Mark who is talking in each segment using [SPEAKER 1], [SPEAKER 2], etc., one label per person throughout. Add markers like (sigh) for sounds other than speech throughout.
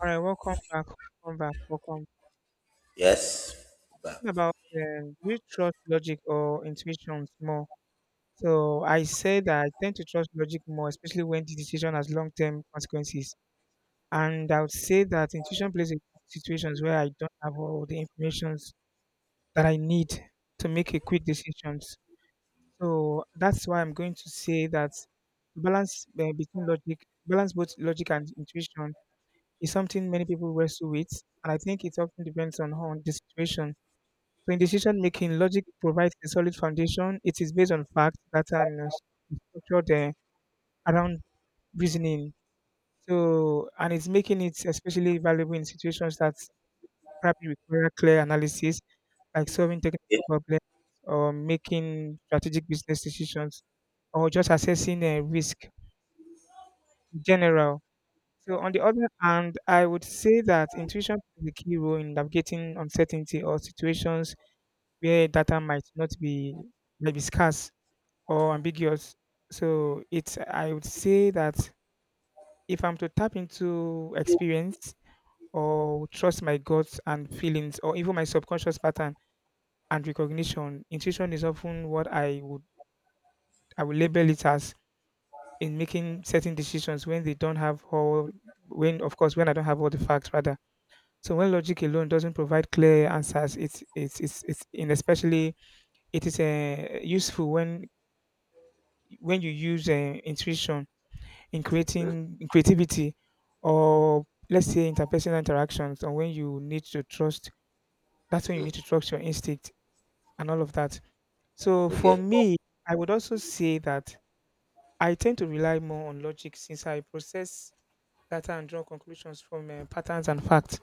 [SPEAKER 1] All right, welcome back. Welcome back. Welcome back.
[SPEAKER 2] Yes. Back.
[SPEAKER 1] Talking about, do you trust logic or intuitions more? So I say that I tend to trust logic more, especially when the decision has long-term consequences. And I would say that intuition plays in situations where I don't have all the informations that I need to make a quick decisions. So that's why I'm going to say that the balance between logic, balance both logic and intuition is something many people wrestle with, and I think it often depends on how on the situation. So in decision making, logic provides a solid foundation. It is based on facts, data, and structured around reasoning. So and it's making it especially valuable in situations that probably require clear analysis, like solving technical
[SPEAKER 2] Okay.
[SPEAKER 1] problems, or making strategic business decisions, or just assessing a risk in general. So, on the other hand, I would say that intuition plays a key role in navigating uncertainty or situations where data might not be might be scarce or ambiguous. So it's, I would say that if I'm to tap into experience or trust my guts and feelings or even my subconscious pattern and recognition, intuition is often what I would label it as in making certain decisions when they don't have all, when of course when I don't have all the facts rather. So when logic alone doesn't provide clear answers, it's in especially it is useful when you use intuition in
[SPEAKER 2] Mhm,
[SPEAKER 1] creating in creativity or let's say interpersonal interactions, or when you need to trust, that's when you need
[SPEAKER 2] mhm.
[SPEAKER 1] to trust your instinct and all of that. So for
[SPEAKER 2] Okay.
[SPEAKER 1] me, I would also say that I tend to rely more on logic since I process data and draw conclusions from patterns and facts.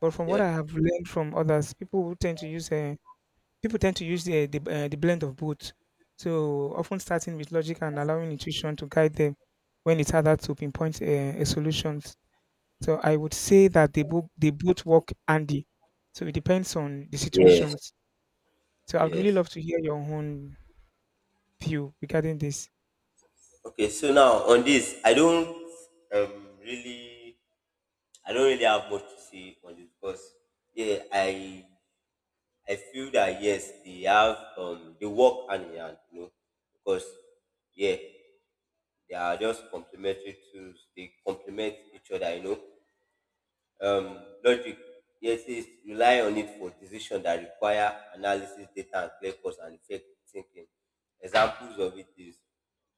[SPEAKER 1] But from what
[SPEAKER 2] Yeah.
[SPEAKER 1] I have learned from others, people tend to use the blend of both, so often starting with logic and allowing intuition to guide them when it's harder to pinpoint a solution. So I would say that they both work handy. So it depends on the
[SPEAKER 2] Yes.
[SPEAKER 1] situations. So I'd really
[SPEAKER 2] Yes.
[SPEAKER 1] love to hear your own view regarding this.
[SPEAKER 2] Okay. So now on this, I don't really, I don't really have much to say on this because yeah, I feel that yes, they have they work hand in hand, you know, because yeah, they are just complementary tools. They complement each other, you know. Logic, yes, is rely on it for decisions that require analysis, data, and clear course and effect thinking. Examples of it is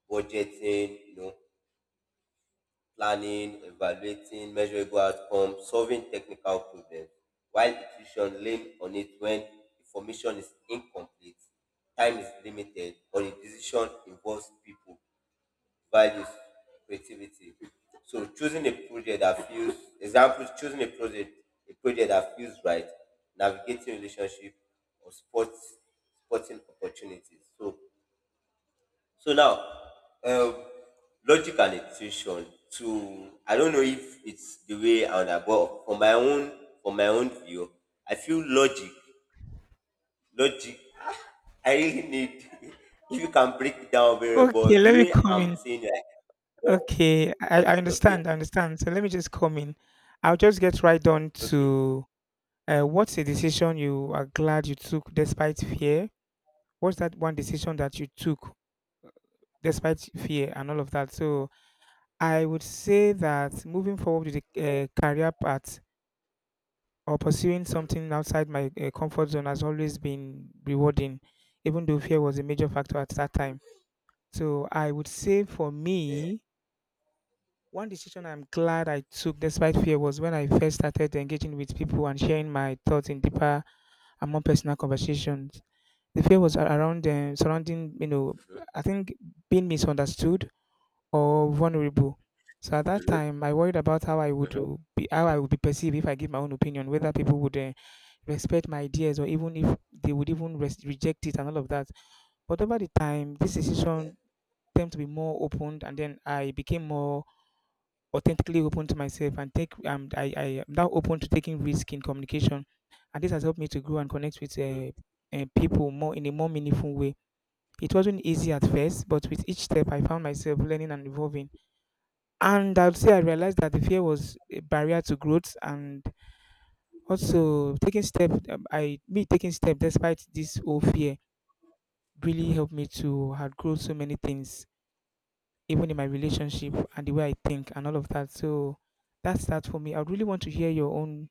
[SPEAKER 2] budgeting, you know, planning, evaluating measurable outcomes, solving technical problems. While intuition, lean on it when information is incomplete, time is limited, or the decision involves people, values, creativity. So choosing a project that feels, example, choosing a project that feels right, navigating relationship or sports, sporting opportunities. So, so now, um, logic and intuition. To I don't know if it's the way I would have, but for my own view, I feel logic, logic. I really need (laughs) if you can break it down very well.
[SPEAKER 1] Okay,
[SPEAKER 2] The
[SPEAKER 1] let me
[SPEAKER 2] way
[SPEAKER 1] come
[SPEAKER 2] I'm
[SPEAKER 1] in.
[SPEAKER 2] saying, like,
[SPEAKER 1] Okay, I
[SPEAKER 2] okay,
[SPEAKER 1] understand, I understand. So let me just come in. I'll just get right on
[SPEAKER 2] okay.
[SPEAKER 1] to what's a decision you are glad you took despite fear? What's that one decision that you took despite fear and all of that? So I would say that moving forward with the career path, or pursuing something outside my comfort zone has always been rewarding, even though fear was a major factor at that time. So I would say for
[SPEAKER 2] Yeah,
[SPEAKER 1] me, one decision I'm glad I took despite fear was when I first started engaging with people and sharing my thoughts in deeper and more personal conversations. The fear was a- around surrounding, you know, I think being misunderstood or vulnerable. So at that time, I worried about how I would be perceived if I give my own opinion, whether people would respect my ideas, or even if they would even reject it and all of that. But over the time, this
[SPEAKER 2] yeah.
[SPEAKER 1] decision tended to be more open, and then I became more authentically open to myself and take. I am now open to taking risk in communication, and this has helped me to grow and connect with people more in a more meaningful way. It wasn't easy at first, but with each step, I found myself learning and evolving. And I would say I realized that the fear was a barrier to growth, and also taking step, I me taking step despite this whole fear really helped me to outgrow so many things, even in my relationship and the way I think and all of that. So that's that for me. I would really want to hear your own.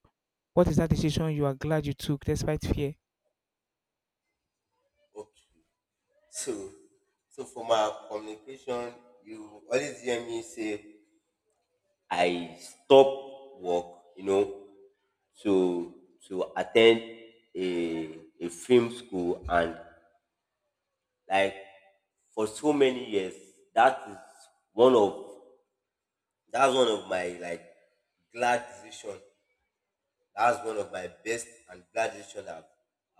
[SPEAKER 1] What is that decision you are glad you took despite fear?
[SPEAKER 2] Okay. So, so for my communication, you always hear me say I stop work, you know, to attend a film school, and like for so many years, that is one of that's one of my like glad decision. That's one of my best and glad decision I've,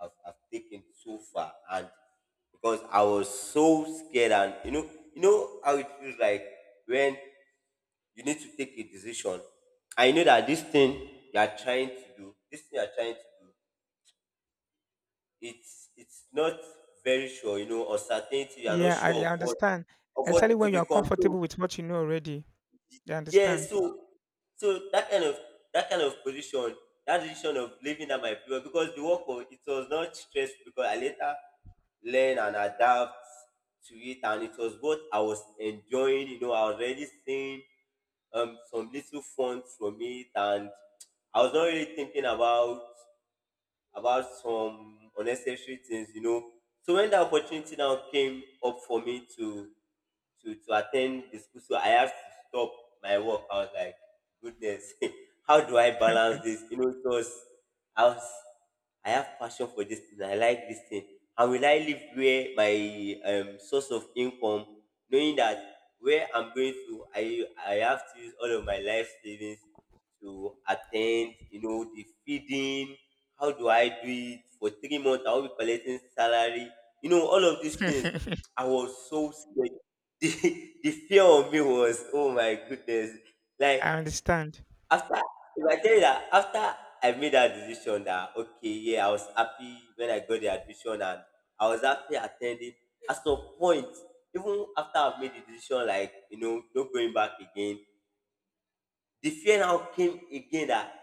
[SPEAKER 2] I've, I've taken so far. And because I was so scared and you know how it feels like when you need to take a decision. I know that this thing you are trying to do, this thing you are trying to do, it's not very sure, you know, or certainty, you are not
[SPEAKER 1] Yeah,
[SPEAKER 2] sure
[SPEAKER 1] I,
[SPEAKER 2] of
[SPEAKER 1] I
[SPEAKER 2] what
[SPEAKER 1] understand. Especially
[SPEAKER 2] it to
[SPEAKER 1] when you are
[SPEAKER 2] become. So
[SPEAKER 1] comfortable with what you know already. You
[SPEAKER 2] yes,
[SPEAKER 1] understand?
[SPEAKER 2] so so that kind of position, that decision of leaving that my period because the work was it was not stressful because I later learn and adapt to it and it was what I was enjoying, you know, I was already seeing some little fun from it and I was not really thinking about some unnecessary things, you know. So when the opportunity now came up for me to attend the school, so I had to stop my work. I was like, goodness, (laughs) how do I balance this? You know, because I was I have passion for this thing. I like this thing. And will I live where my source of income, knowing that where I'm going to, I have to use all of my life savings to attend, you know, the feeding, how do I do it for 3 months? I'll be collecting salary. You know, all of these
[SPEAKER 1] (laughs)
[SPEAKER 2] things.
[SPEAKER 1] I
[SPEAKER 2] I was so scared. (laughs) The, the fear of me was, oh my goodness. Like
[SPEAKER 1] understand.
[SPEAKER 2] after, if I tell you that after I made that decision that okay, yeah, I was happy when I got the admission and I was happy attending. At some point, even after I've made the decision, like, you know, not going back again, the fear now came again that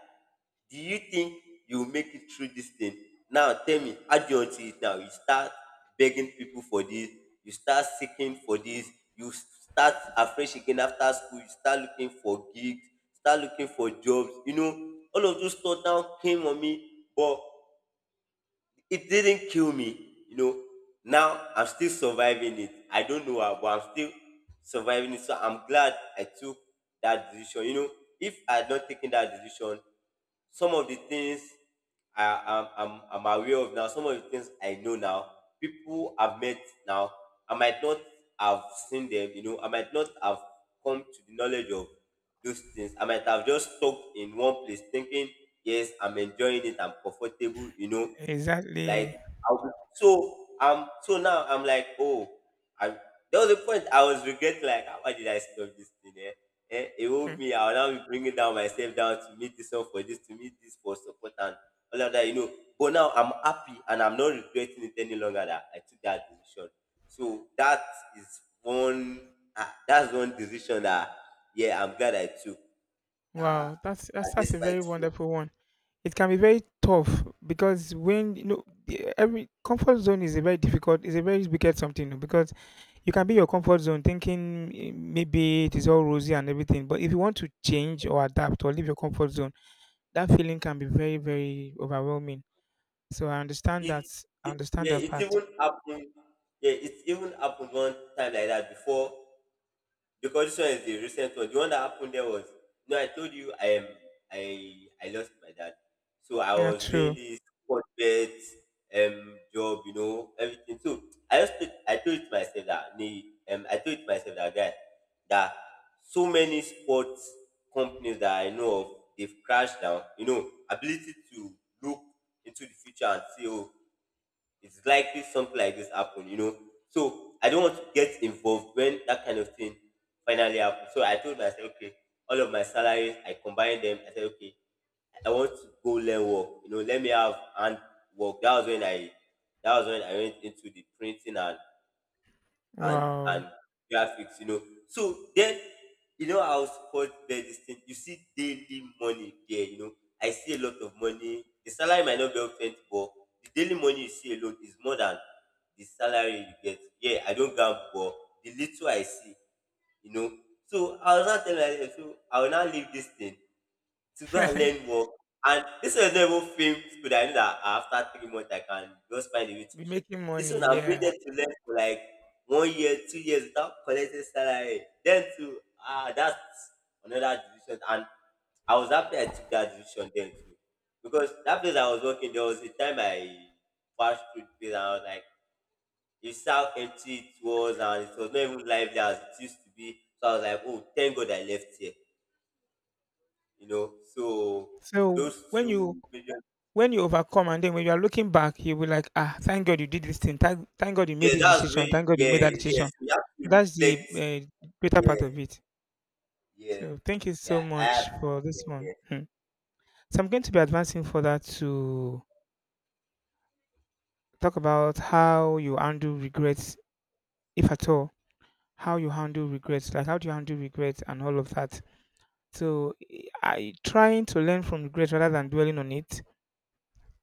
[SPEAKER 2] do you think you will make it through this thing? Now tell me, how do you want to it now? You start begging people for this, you start seeking for this, you start afresh again after school, you start looking for gigs, start looking for jobs, you know, all of those thoughts now came on me, but it didn't kill me, you know, now I'm still surviving it, I don't know how, but I'm still surviving it, so I'm glad I took that decision, you know. If I had not taken that decision, some of the things I'm aware of now, some of the things I know now, people I've met now, I might not have seen them, you know, I might not have come to the knowledge of those things. I might have just stuck in one place thinking, yes, I'm enjoying it, I'm comfortable, you know, like
[SPEAKER 1] Exactly.
[SPEAKER 2] I was, so so now I'm like, oh, I there was a point I was regretting like, "Ah, why did I stop this thing, eh? Eh, it woke me, I'll now be bringing down myself down to meet this one for this to meet this for support and all of that, you know. But now I'm happy and I'm not regretting it any longer that I took that decision. So that is one, ah, that's one decision that yeah I'm glad I took. That,
[SPEAKER 1] Wow, that's
[SPEAKER 2] that
[SPEAKER 1] that's that's a
[SPEAKER 2] despite
[SPEAKER 1] very wonderful one. It can be very tough because when you know every comfort zone is a very difficult, is a very wicked something oh, because you can be your comfort zone thinking eh, maybe it is all rosy and everything, but if you want to change or adapt or leave your comfort zone, that feeling can be very, very overwhelming. So I understand that.
[SPEAKER 2] it,
[SPEAKER 1] I
[SPEAKER 2] it
[SPEAKER 1] understand
[SPEAKER 2] yeah,
[SPEAKER 1] that
[SPEAKER 2] it
[SPEAKER 1] part.
[SPEAKER 2] even happened. Yeah, it even happened one time like that before because this one is the recent one. The one that happened there was no, I told you I am, I lost my dad. So I
[SPEAKER 1] Yeah,
[SPEAKER 2] was doing
[SPEAKER 1] true.
[SPEAKER 2] this corporate job, you know, everything. So I just I told it myself that nee, I told it myself that guy, that so many sports companies that I know of they've crashed down. You know, ability to look into the future and see oh it's likely something like this happen, you know. So I don't want to get involved when that kind of thing finally happened. So I told myself, okay, all of my salaries, I combined them. I said, okay, I want to go learn work. You know, let me have hand work. That was when I, went into the printing and and
[SPEAKER 1] Wow.
[SPEAKER 2] graphics, you know. So then, you know how sport there's this thing. You see daily money there, you know. I see a lot of money. The salary might not be up plenty, but the daily money you see alone is more than the salary you get. Yeah, I don't gamble, but the little I see, you know. So I was not telling myself, so I will not leave this thing to go and
[SPEAKER 1] (laughs)
[SPEAKER 2] learn more. And this one is not even film school that I know that after 3 months I can just find a way to
[SPEAKER 1] Be
[SPEAKER 2] share.
[SPEAKER 1] making
[SPEAKER 2] This one
[SPEAKER 1] money,
[SPEAKER 2] I'm
[SPEAKER 1] yeah.
[SPEAKER 2] needed to learn for like 1 year, 2 years without collecting salary. Then to ah, that's another decision. And I was happy I took that decision then too. Because that place I was working, there was a time I passed through the place and I was like, you saw how empty it was and it was not even lively as it used to be. So I was like, oh, thank God I left here, you know. So
[SPEAKER 1] So
[SPEAKER 2] those two major,
[SPEAKER 1] when you overcome, and then when you are looking back, you'll be like, ah, thank God you did this thing, thank God you made
[SPEAKER 2] yeah,
[SPEAKER 1] this
[SPEAKER 2] that's me.
[SPEAKER 1] decision, thank God you
[SPEAKER 2] Yeah,
[SPEAKER 1] made that
[SPEAKER 2] yes,
[SPEAKER 1] decision.
[SPEAKER 2] we have to
[SPEAKER 1] That's the
[SPEAKER 2] reflect.
[SPEAKER 1] greater
[SPEAKER 2] Yeah,
[SPEAKER 1] part of it.
[SPEAKER 2] yeah,
[SPEAKER 1] So thank you so
[SPEAKER 2] yeah. I have,
[SPEAKER 1] much for this one.
[SPEAKER 2] yeah,
[SPEAKER 1] Hmm. So I'm going to be advancing further to talk about how you handle regrets, if at all. How you handle regrets, like how do you handle regrets and all of that. So I trying to learn from regrets rather than dwelling on it,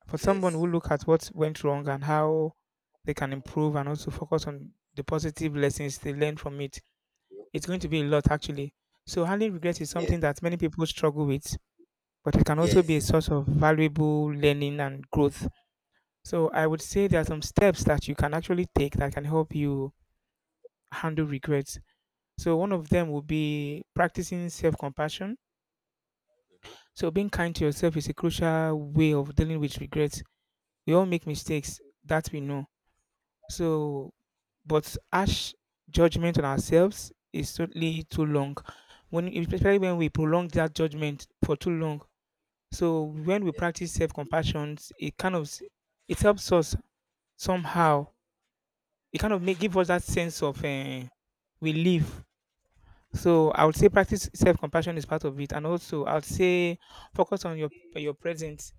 [SPEAKER 1] for someone
[SPEAKER 2] yes,
[SPEAKER 1] who look at what went wrong and how they can improve, and also focus on the positive lessons they learn from it. It's going to be a lot actually. So handling regret is
[SPEAKER 2] yes,
[SPEAKER 1] something that many people struggle with, but it can also be a
[SPEAKER 2] yes.
[SPEAKER 1] source of valuable learning and growth. So I would say there are some steps that you can actually take that can help you handle regrets. So one of them would be practicing self-compassion.
[SPEAKER 2] Mm-hmm, mm-hmm,
[SPEAKER 1] So being kind to yourself is a crucial way of dealing with regrets. We all make mistakes, that we know. So but harsh judgment on ourselves is totally too long. When, especially when we prolong that judgment for too long. So when we
[SPEAKER 2] yeah,
[SPEAKER 1] practice self-compassion, it helps us somehow. It kind of make give us that sense of relief. So I would say practice self-compassion is part of it, and also I would say focus on your present.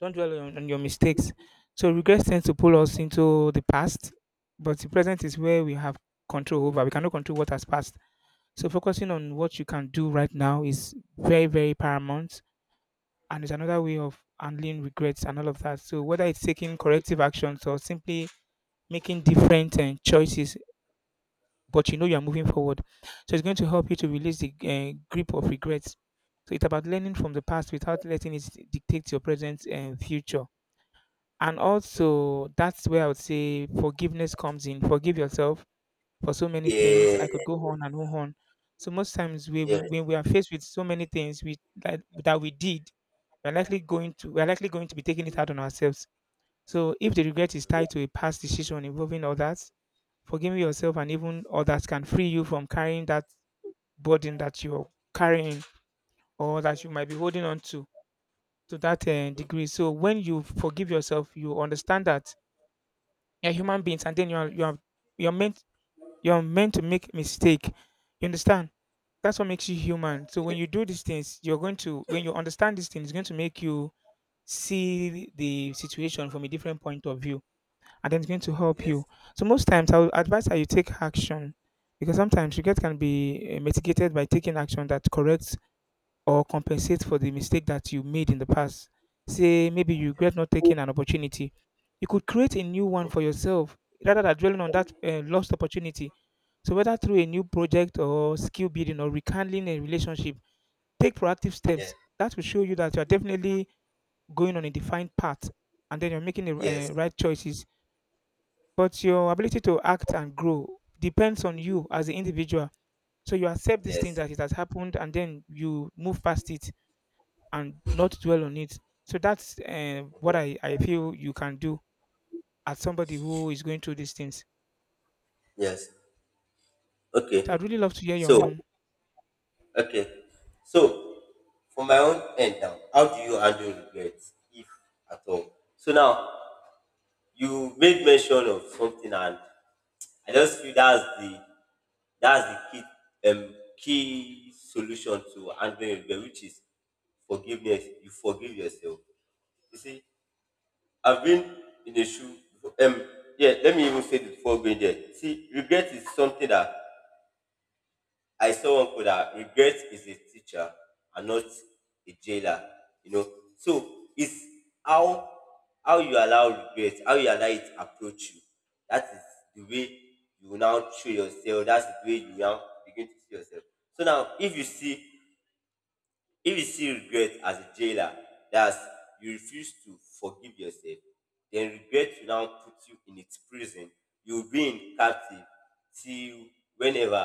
[SPEAKER 1] Don't dwell on your mistakes. So regrets tend to pull us into the past, but the present is where we have control over. We cannot control what has passed. So focusing on what you can do right now is very, very paramount. And it's another way of handling regrets and all of that. So whether it's taking corrective actions, or simply making different choices, but you know you are moving forward. So it's going to help you to release the grip of regrets. So it's about learning from the past without letting it dictate your present and future. And also, that's where I would say forgiveness comes in. Forgive yourself for so many things.
[SPEAKER 2] yeah,
[SPEAKER 1] I could go on and on. So most times
[SPEAKER 2] yeah.
[SPEAKER 1] when we are faced with so many things that we did, we're likely going to be taking it out on ourselves. So if the regret is tied to a past decision involving others, forgiving yourself and even others can free you from carrying that burden that you're carrying, or that you might be holding on to that
[SPEAKER 2] Mm-hmm.
[SPEAKER 1] degree. So when you forgive yourself, you understand that you're human beings, and then you're meant you're meant to make mistake. You understand? That's what makes you human. So when you
[SPEAKER 2] Yes,
[SPEAKER 1] do these things, you're going to when you understand these things, it's going to make you see the situation from a different point of view, and then it's going to help
[SPEAKER 2] yes,
[SPEAKER 1] you. So most times, I would advise that you take action because sometimes regret can be eh, mitigated by taking action that corrects or compensate for the mistake that you made in the past. Say maybe you
[SPEAKER 2] yeah.
[SPEAKER 1] regret not taking an opportunity. You could create a new one
[SPEAKER 2] Mm-hmm.
[SPEAKER 1] for yourself rather than dwelling on that lost opportunity. So whether through a new project, or skill building, or rekindling a relationship, take proactive
[SPEAKER 2] Yeah,
[SPEAKER 1] steps. That will show you that you are definitely going on a defined path, and then you're making the
[SPEAKER 2] yes,
[SPEAKER 1] right choices. But your ability to act and grow depends on you as an individual. So you accept these things
[SPEAKER 2] yes,
[SPEAKER 1] that it has happened, and then you move past it and not dwell on it. So that's what I feel you can do as somebody who is going through these things.
[SPEAKER 2] yes.
[SPEAKER 1] So I'd
[SPEAKER 2] Okay.
[SPEAKER 1] really love to hear your
[SPEAKER 2] So,
[SPEAKER 1] own.
[SPEAKER 2] okay. So, for my own end now, how do you handle regrets, if at all? So now, you made mention of something and I just feel that's the, that's the key, key solution to handling rebel, which is forgiveness. You forgive yourself. You see, I've been in a shoe, um yeah, let me even say this before going there. See, regret is something that I saw one quote that regret is a teacher and not a jailer. You know, so it's how how you allow regret, how you allow it approach you. That is the way you now show yourself. That's the way you now begin to see yourself. So now, if you see regret as a jailer, that's you refuse to forgive yourself, then regret will now put you in its prison. You'll be in captive till whenever,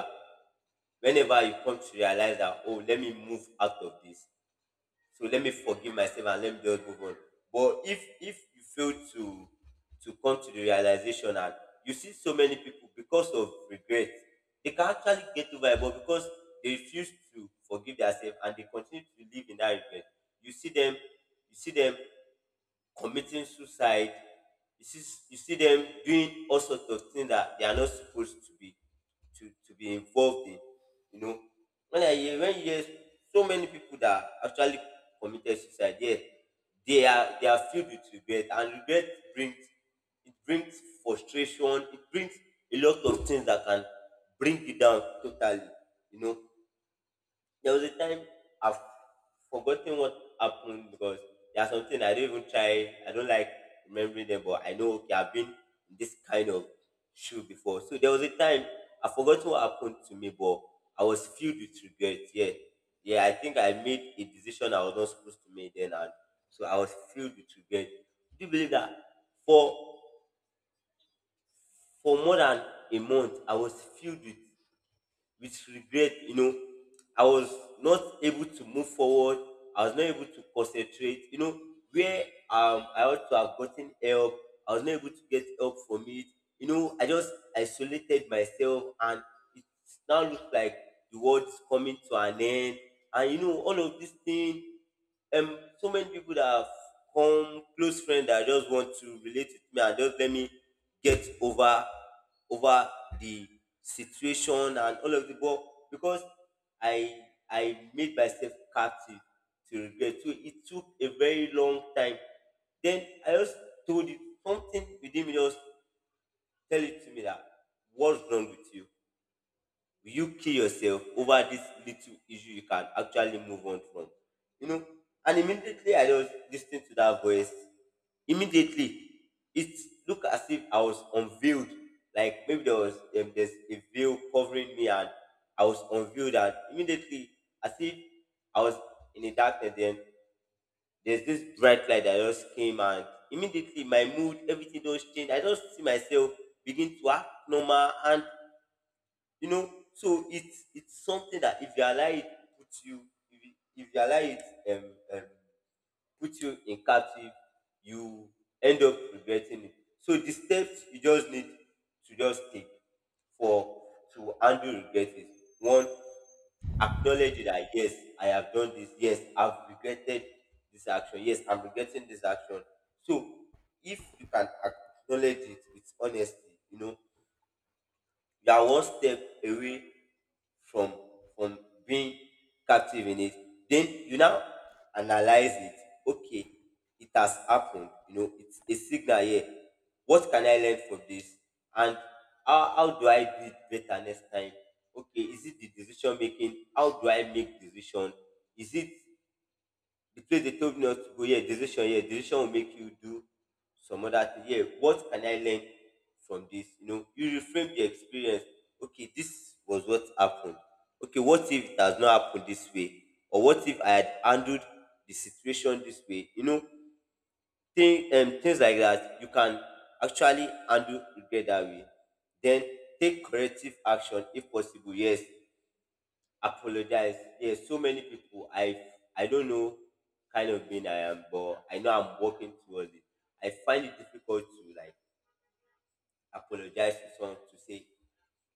[SPEAKER 2] you come to realize that oh let me move out of this, so let me forgive myself and let me just move on. But if you fail to come to the realization, and you see so many people because of regret they can actually get over it but because they refuse to forgive themselves and they continue to live in that regret, you see them, you see them committing suicide. You see, you see them doing all sorts of things that they are not supposed to be to be involved in. You know, when I hear when you hear so many people that actually committed suicide, yeah, they are, filled with regret, and regret brings, it brings frustration, it brings a lot of things that can bring you down totally. You know, there was a time I've forgotten what happened because there are something I don't even try. I don't like remembering them, but I know okay, I've been in this kind of shoe before. So there was a time I forgot what happened to me, but I was filled with regret. Yeah, yeah. I think I made a decision I was not supposed to make then, and so I was filled with regret. Do you believe that for for more than a month I was filled with regret? I was not able to move forward. I was not able to concentrate. Where I ought to have gotten help. I was not able to get help from it. I just isolated myself, and it now looks like the world is coming to an end. And you know, all of this thing, So many people that have come, close friends that just want to relate with me and just let me get over over the situation and all of the, but because I I made myself captive to regret. So it took a very long time. Then I just told it, something within me just tell it to me that, what's wrong with you? Will you kill yourself over this little issue you can actually move on from? You know, and immediately I was listening to that voice. Immediately, it looked as if I was unveiled. Like maybe there's a veil covering me, and I was unveiled. And immediately, as if I was in the darkness, then there's this bright light that just came, and immediately my mood, everything just changed. I just see myself begin to act normal. And you know, so it's something that if you allow it put you, if you allow it, um, um put you in captive, you end up regretting it. So the steps you just need to just take for to handle regret is: one, acknowledge that, yes, I have done this. Yes, I've regretted this action. Yes, I'm regretting this action. So if you can acknowledge it with honesty, you know, you are one step away from from being captive in it. Then you now analyze it. Okay, it has happened. You know, it's a signal here. What can I learn from this? And how do I do it better next time? Okay, is it the decision making? How do I make decision? Is it the place they told me not to go? Yeah, decision. Yeah, decision will make you do some other thing. Yeah, what can I learn from this? You know, you reframe the experience. Okay, this was what happened. Okay, what if it has not happened this way? Or what if I had handled the situation this way? You know, things like that, you can actually handle regret that way. Then take corrective action if possible. Yes, apologize. Yes, so many people. I don't know kind of being I am, but I know I'm working towards it. I find it difficult to, like, apologize to someone to say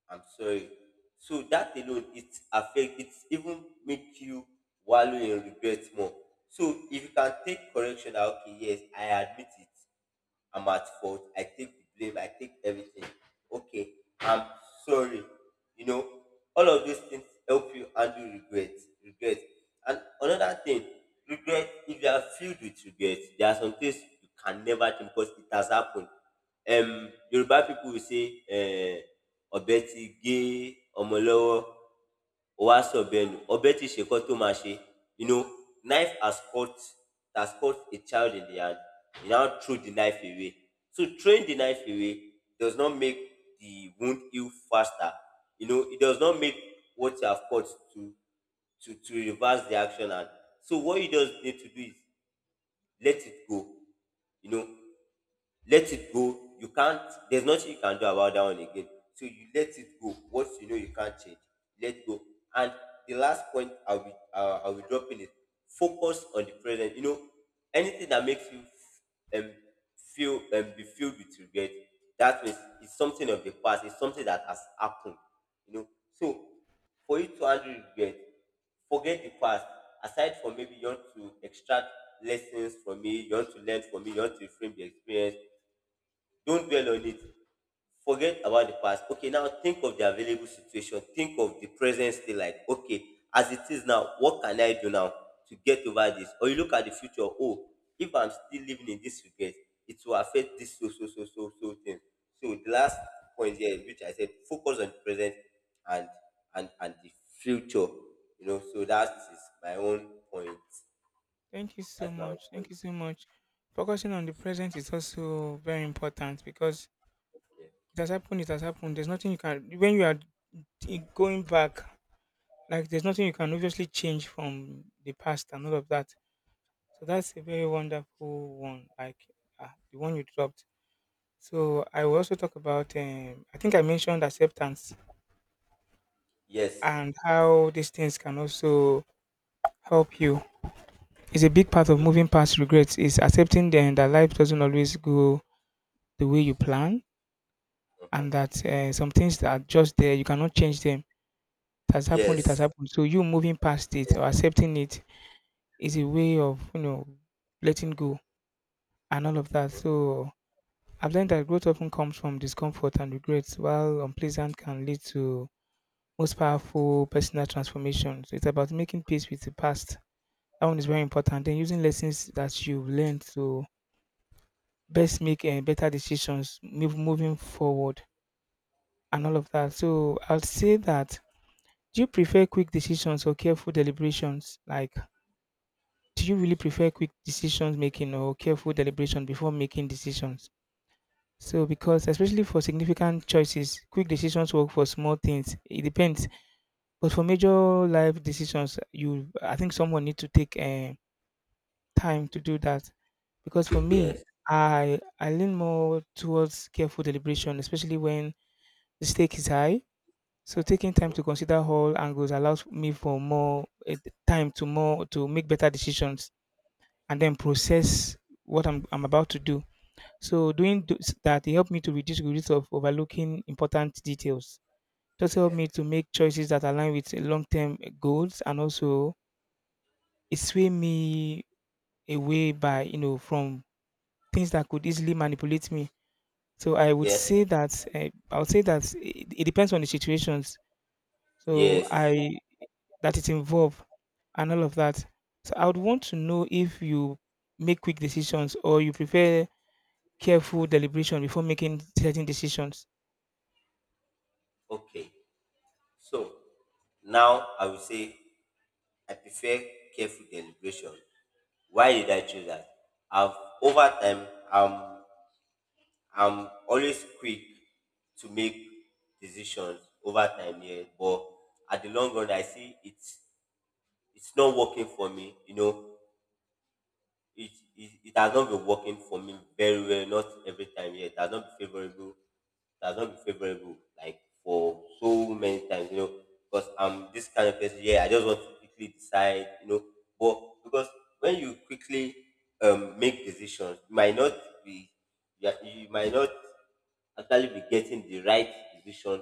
[SPEAKER 2] I'm sorry. So that alone it affect it, even make you wallow in regret more. So if you can take correction, that, okay, yes, I admit it. I'm at fault. I take the blame. I take everything. Okay, I'm sorry. You know, all of these things help you handle regret. Regret. And another thing, regret, if you are filled with regret, there are some things you can never change because it has happened. Yoruba people will say, Obeti gay, Omolowo ó wá sọ̀bẹ nù ọbẹ̀ tí ṣe nǹkan tó máa ṣe. You know, knife has caught. Has caught a child in the hand. He now threw the knife away. So throwing the knife away does not make the wound heal faster. You know, it does not make what you have caught to to reverse the action. And so what you just need to do is let it go. You know, let it go. You can't, there's nothing you can do about that one again. So you let it go. What you know you can't change, let go. And the last point I'll be dropping is focus on the present. You know, anything that makes you um, feel be filled with regret, that means it's something of the past, it's something that has happened. You know, so for you to handle regret, forget the past. Aside from maybe you want to extract lessons from me, you want to learn from me, you want to reframe the experience, don't dwell on it. Forget about the past. Okay, now think of the available situation. Think of the present state, like, okay, as it is now, what can I do now to get over this? Or you look at the future. Oh, if I'm still living in this regret, it will affect this, so, so, so, so, so thing. So the last point here, which I said, focus on the present and and the future. You know, so that is my own point.
[SPEAKER 1] Thank you so
[SPEAKER 2] That's my own
[SPEAKER 1] much. Thank
[SPEAKER 2] point.
[SPEAKER 1] you so much. Focusing on the present is also very important because
[SPEAKER 2] Yeah.
[SPEAKER 1] it has happened, it has happened. There's nothing you can, when you are going back, like there's nothing you can obviously change from the past and all of that. So that's a very wonderful one, like the one you dropped. So I will also talk about, I think I mentioned acceptance
[SPEAKER 2] Yes.
[SPEAKER 1] and how these things can also help you is a big part
[SPEAKER 2] Mm-hmm.
[SPEAKER 1] of
[SPEAKER 2] Mm-hmm.
[SPEAKER 1] moving past regrets is accepting then that life doesn't always go the way you plan, and that some things that are just there you cannot change them. It has happened, it has
[SPEAKER 2] Yes.
[SPEAKER 1] happened, so you moving past it or
[SPEAKER 2] Yes.
[SPEAKER 1] accepting it is a way of, you know, letting go and all of that.
[SPEAKER 2] Mhm.
[SPEAKER 1] So I've learned that growth often comes from discomfort, and regrets, while unpleasant, can lead to most powerful personal transformations. It's about making peace with the past. That one is very important. Then using lessons that you've learned to best make better decisions, moving forward and all of that. So I'll say that, do you prefer quick decisions or careful deliberations? Like, do you really prefer quick decisions making or careful deliberation before making decisions? So, because especially for significant choices, quick decisions work for small things. It depends. But for major life decisions, I think someone need to take time to do that. Because for me,
[SPEAKER 2] Yes.
[SPEAKER 1] I lean more towards careful deliberation, especially when the stake is high. So taking time
[SPEAKER 2] Mhm.
[SPEAKER 1] to consider all angles allows me for more time to more to make better decisions and then process what I'm about to do. So doing that it helped me to reduce the risk of overlooking important details. It also helped
[SPEAKER 2] Yeah.
[SPEAKER 1] me to make choices that align with long term goals, and also it sway me away by, you know, from things that could easily manipulate me. So I would
[SPEAKER 2] Yeah.
[SPEAKER 1] say that I would say that it depends on the situations. So
[SPEAKER 2] Yes.
[SPEAKER 1] I that it involved and all of that. So I would want to know if you make quick decisions or you prefer careful deliberation before making certain decisions.
[SPEAKER 2] Okay. So now I will say I prefer careful deliberation. Why did I choose that? I've Over time, I'm always quick to make decisions over time, yeah. But at the long run I see it's not working for me, you know. it, it has not been working for me very well. Not every time yet. It has not been favorable. It has not been favorable like for so many times. You know, because I'm this kind of person. Yeah, I just want to quickly decide. You know, but because when you quickly make decisions, you might not be. You might not actually be getting the right decision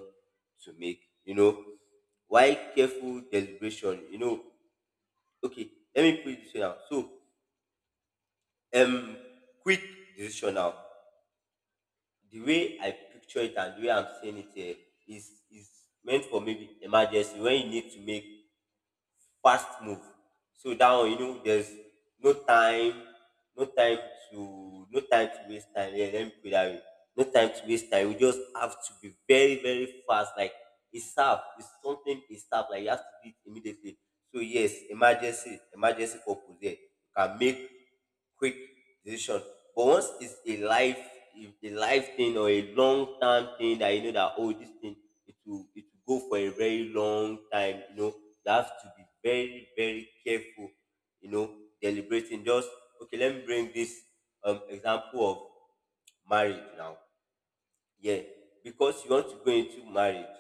[SPEAKER 2] to make. You know, why careful deliberation? You know, okay, let me put it this way now. Um, quick decision now. The way I picture it and the way I'm saying it here is meant for maybe emergency when you need to make fast move. So that one, you know, there's no time, no time to no time to waste time. Yeah, let me put it that way. No time to waste time. We just have to be very, very fast. Like it's up, it's something, it's up. Like you have to do it immediately. So yes, emergency, emergency purpose. Yeah, you can make quick decision. But once it's a life, if a life thing or a long term thing that you know that, oh, this thing, it will go for a very long time. You know, you have to be very very careful. You know, deliberating. Just okay. Let me bring this example of marriage now. Yeah, because you want to go into marriage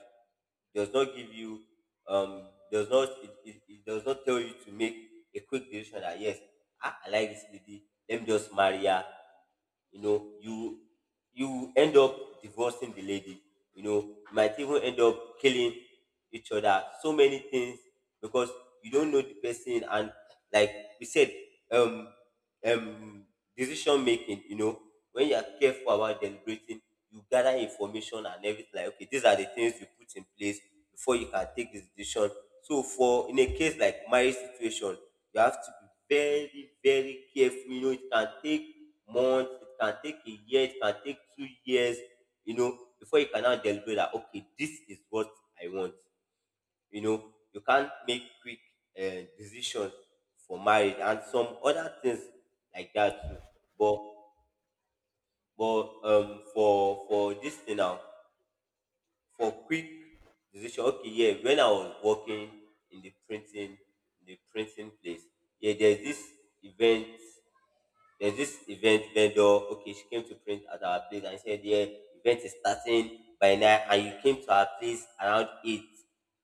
[SPEAKER 2] does not give you does not, it does not tell you to make a quick decision that, yes, I like this lady, let me just marry her. You know, you end up divorcing the lady. You know, you might even end up killing each other, so many things, because you don't know the person. And like we said, um um decision making, you know, when you are careful about deliberating, you gather information and everything, like, okay, these are the things you put in place before you can take this decision. So for in a case like marriage situation, you have to be very very careful. You know, it can take months, it can take a year, it can take 2 years, you know, before you can now deliberate that, okay, this is what I want. You know, you can't make quick decisions for marriage and some other things like that too. But but for this thing now, for quick decision, okay, yeah, when I was working in the printing in the printing place, yeah, there's this event, there's this event vendor. Okay, she came to print at our place and said, yeah, event is starting by 9, and you came to our place around 8,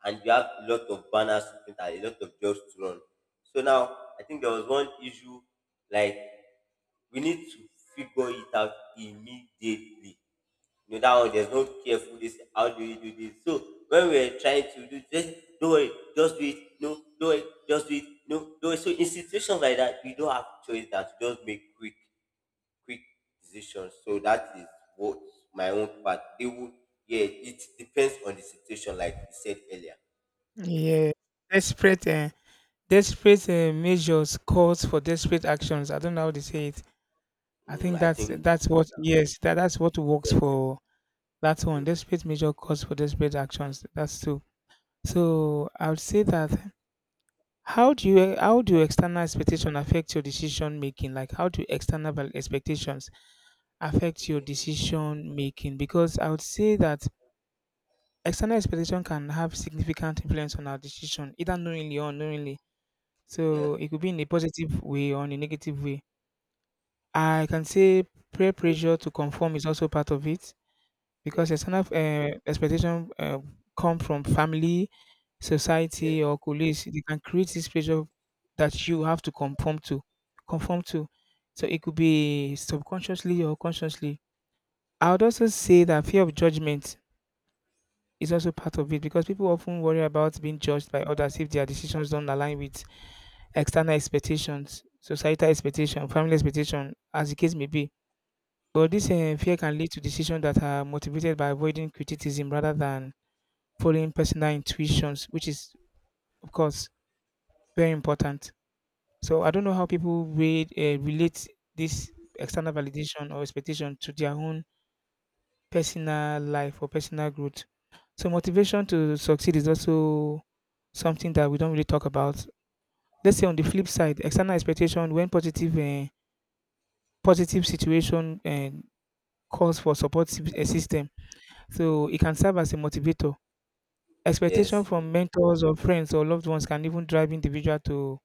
[SPEAKER 2] and you have a lot of banners to print and a lot of jobs to run. So now I think there was one issue, like, we need to figure it out immediately. You know that one, there's no careful this. How do you do this? So when we're trying to do this, do it, just do it, no, do it, just do it, no, do it. So in situations like that, we don't have choice than to just make quick, quick decisions. So that is what my own part. It would, yeah, it depends on the situation, like you said earlier.
[SPEAKER 1] Yeah, desperate, uh, desperate measures calls for desperate actions. I don't know how they say it. I
[SPEAKER 2] Mm,
[SPEAKER 1] think
[SPEAKER 2] I
[SPEAKER 1] that's
[SPEAKER 2] think
[SPEAKER 1] that's what, yes, that's what works
[SPEAKER 2] yes.
[SPEAKER 1] for that one.
[SPEAKER 2] Mm,
[SPEAKER 1] Desperate measure calls for desperate actions. That's true. So I would say that, how do external expectation affect your decision making? Like, how do external expectations affect your
[SPEAKER 2] okay.
[SPEAKER 1] decision making? Because I would say that external expectation can have significant influence on our decision, either knowingly or unknowingly. So
[SPEAKER 2] Yes.
[SPEAKER 1] it could be in a positive way or in a negative way. I can say peer pressure to conform is also part of it. Because a
[SPEAKER 2] Yes.
[SPEAKER 1] external expectation come from family,
[SPEAKER 2] Yes.
[SPEAKER 1] society, or colleagues. They can create this pressure that you have to conform to, conform to. So it could be subconsciously or consciously. I would also say that fear of judgment is also part of it, because people often worry about being judged by others if their decisions don't align with external expectations, societal expectation, family expectation, as the case may be. But this fear can lead to decisions that are motivated by avoiding criticism rather than following personal intuitions, which is, of course, very important. So I don't know how people read relate this external validation or expectation to their own personal life or personal growth. So motivation to succeed is also something that we don't really talk about. Let's say on the flip side, external expectation, when positive positive situation and calls for support system, so it can serve as a motivator. Expectation
[SPEAKER 2] Yes.
[SPEAKER 1] from mentors or friends or loved ones can even drive individual to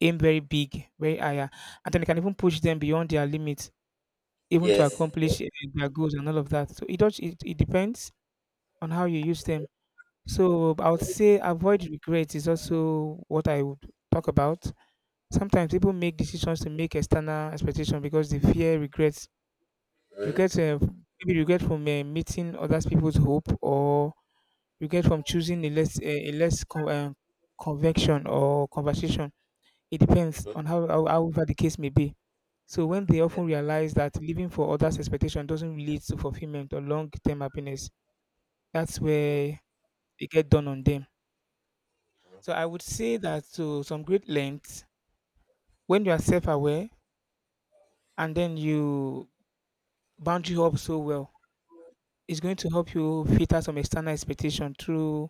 [SPEAKER 1] aim very big, very higher, and then they can even push them beyond their limits, even to
[SPEAKER 2] Yes.
[SPEAKER 1] accomplish their goals and all of that. So it does. It depends on how you use them. So I would say avoid regrets is also what I would talk about. Sometimes people make decisions to make external expectation because they fear regrets.
[SPEAKER 2] Mm-hmm.
[SPEAKER 1] Regrets, maybe regret from meeting other people's hope, or regret from choosing a less convection or conversation. It depends
[SPEAKER 2] Mm-hmm.
[SPEAKER 1] on how however the case may be. So when they
[SPEAKER 2] Yeah.
[SPEAKER 1] often realize that living for others' expectation doesn't really lead to fulfillment or long-term happiness, that's
[SPEAKER 2] Mhm,
[SPEAKER 1] where they get done on them. So I would say that to some great length, when you are self-aware and then you boundary up so well, it's going to help you filter some external expectation through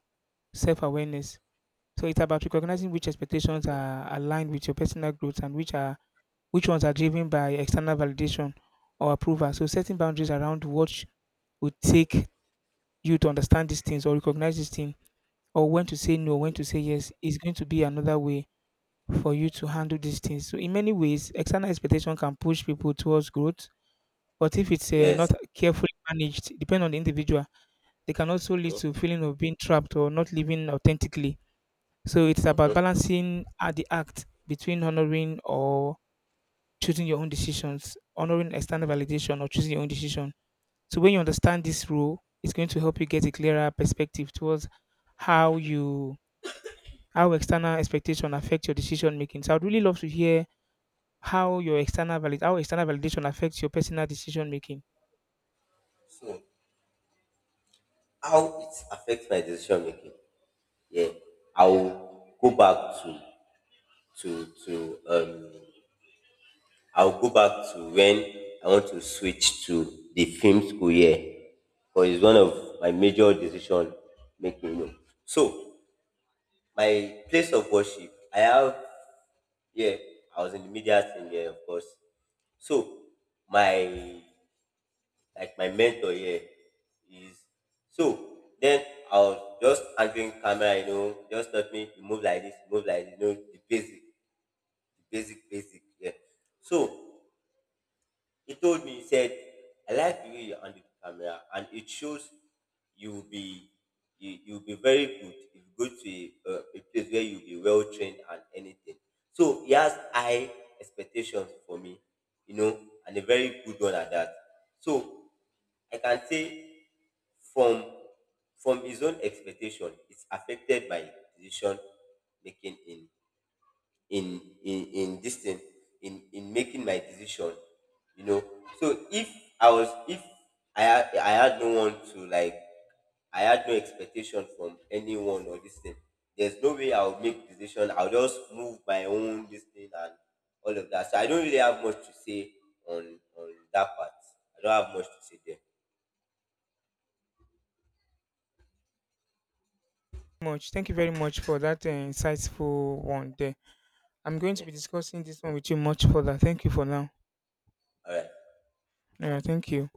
[SPEAKER 1] self-awareness. So it's about
[SPEAKER 2] mhm.
[SPEAKER 1] recognizing which expectations are aligned with your personal growth, and which ones are driven by external validation or approval. So setting boundaries around what would take you to understand these things or recognize these things, or when to say no, when to say yes, is going to be another way for you to handle these things. So in many ways, external expectation can push people towards growth, but if it's
[SPEAKER 2] Yes.
[SPEAKER 1] not carefully managed, depending on the individual, they can also lead
[SPEAKER 2] Hmm.
[SPEAKER 1] to feeling of being trapped or not living authentically. So it's about
[SPEAKER 2] Hmm.
[SPEAKER 1] balancing the act between honoring or choosing your own decisions, honoring external validation, or choosing your own decision. So when you understand this rule, it's going to help you get a clearer perspective towards how you how external expectation affect your decision making. So I'd really love to hear how external validation affects your personal decision making.
[SPEAKER 2] So, how it affects my decision making? Yeah, I'll go back to to to um. I'll go back to when I want to switch to the film school year, because it's one of my major decision making. You know. So my place of worship, I have, yeah, I was in the media thing, yeah, of course. So my, like my mentor here is, so then I was just answering camera, you know, just taught me to move like this, you know, the basic, basic. Yeah. So he told me, he said, I like the way you handle the camera and it shows you'll be you'll be very good if you go to a place where you'll be well trained and anything. So he has high expectations for me, you know, and a very good one at that. So I can say from from his own expectation, it's affected by decision making in this thing, in making my decision, you know. So if I was if I had no one to, like, I had no expectation from anyone or this thing, there's no way I'll make decision, I'll just move my own this thing and all of that. So I don't really have much to say on that part. I don't have much to say there.
[SPEAKER 1] Much. Thank you very much for that insightful one there. I'm going to
[SPEAKER 2] Yeah.
[SPEAKER 1] be discussing this one with you much further. Thank you for now.
[SPEAKER 2] All right.
[SPEAKER 1] Yeah, thank you.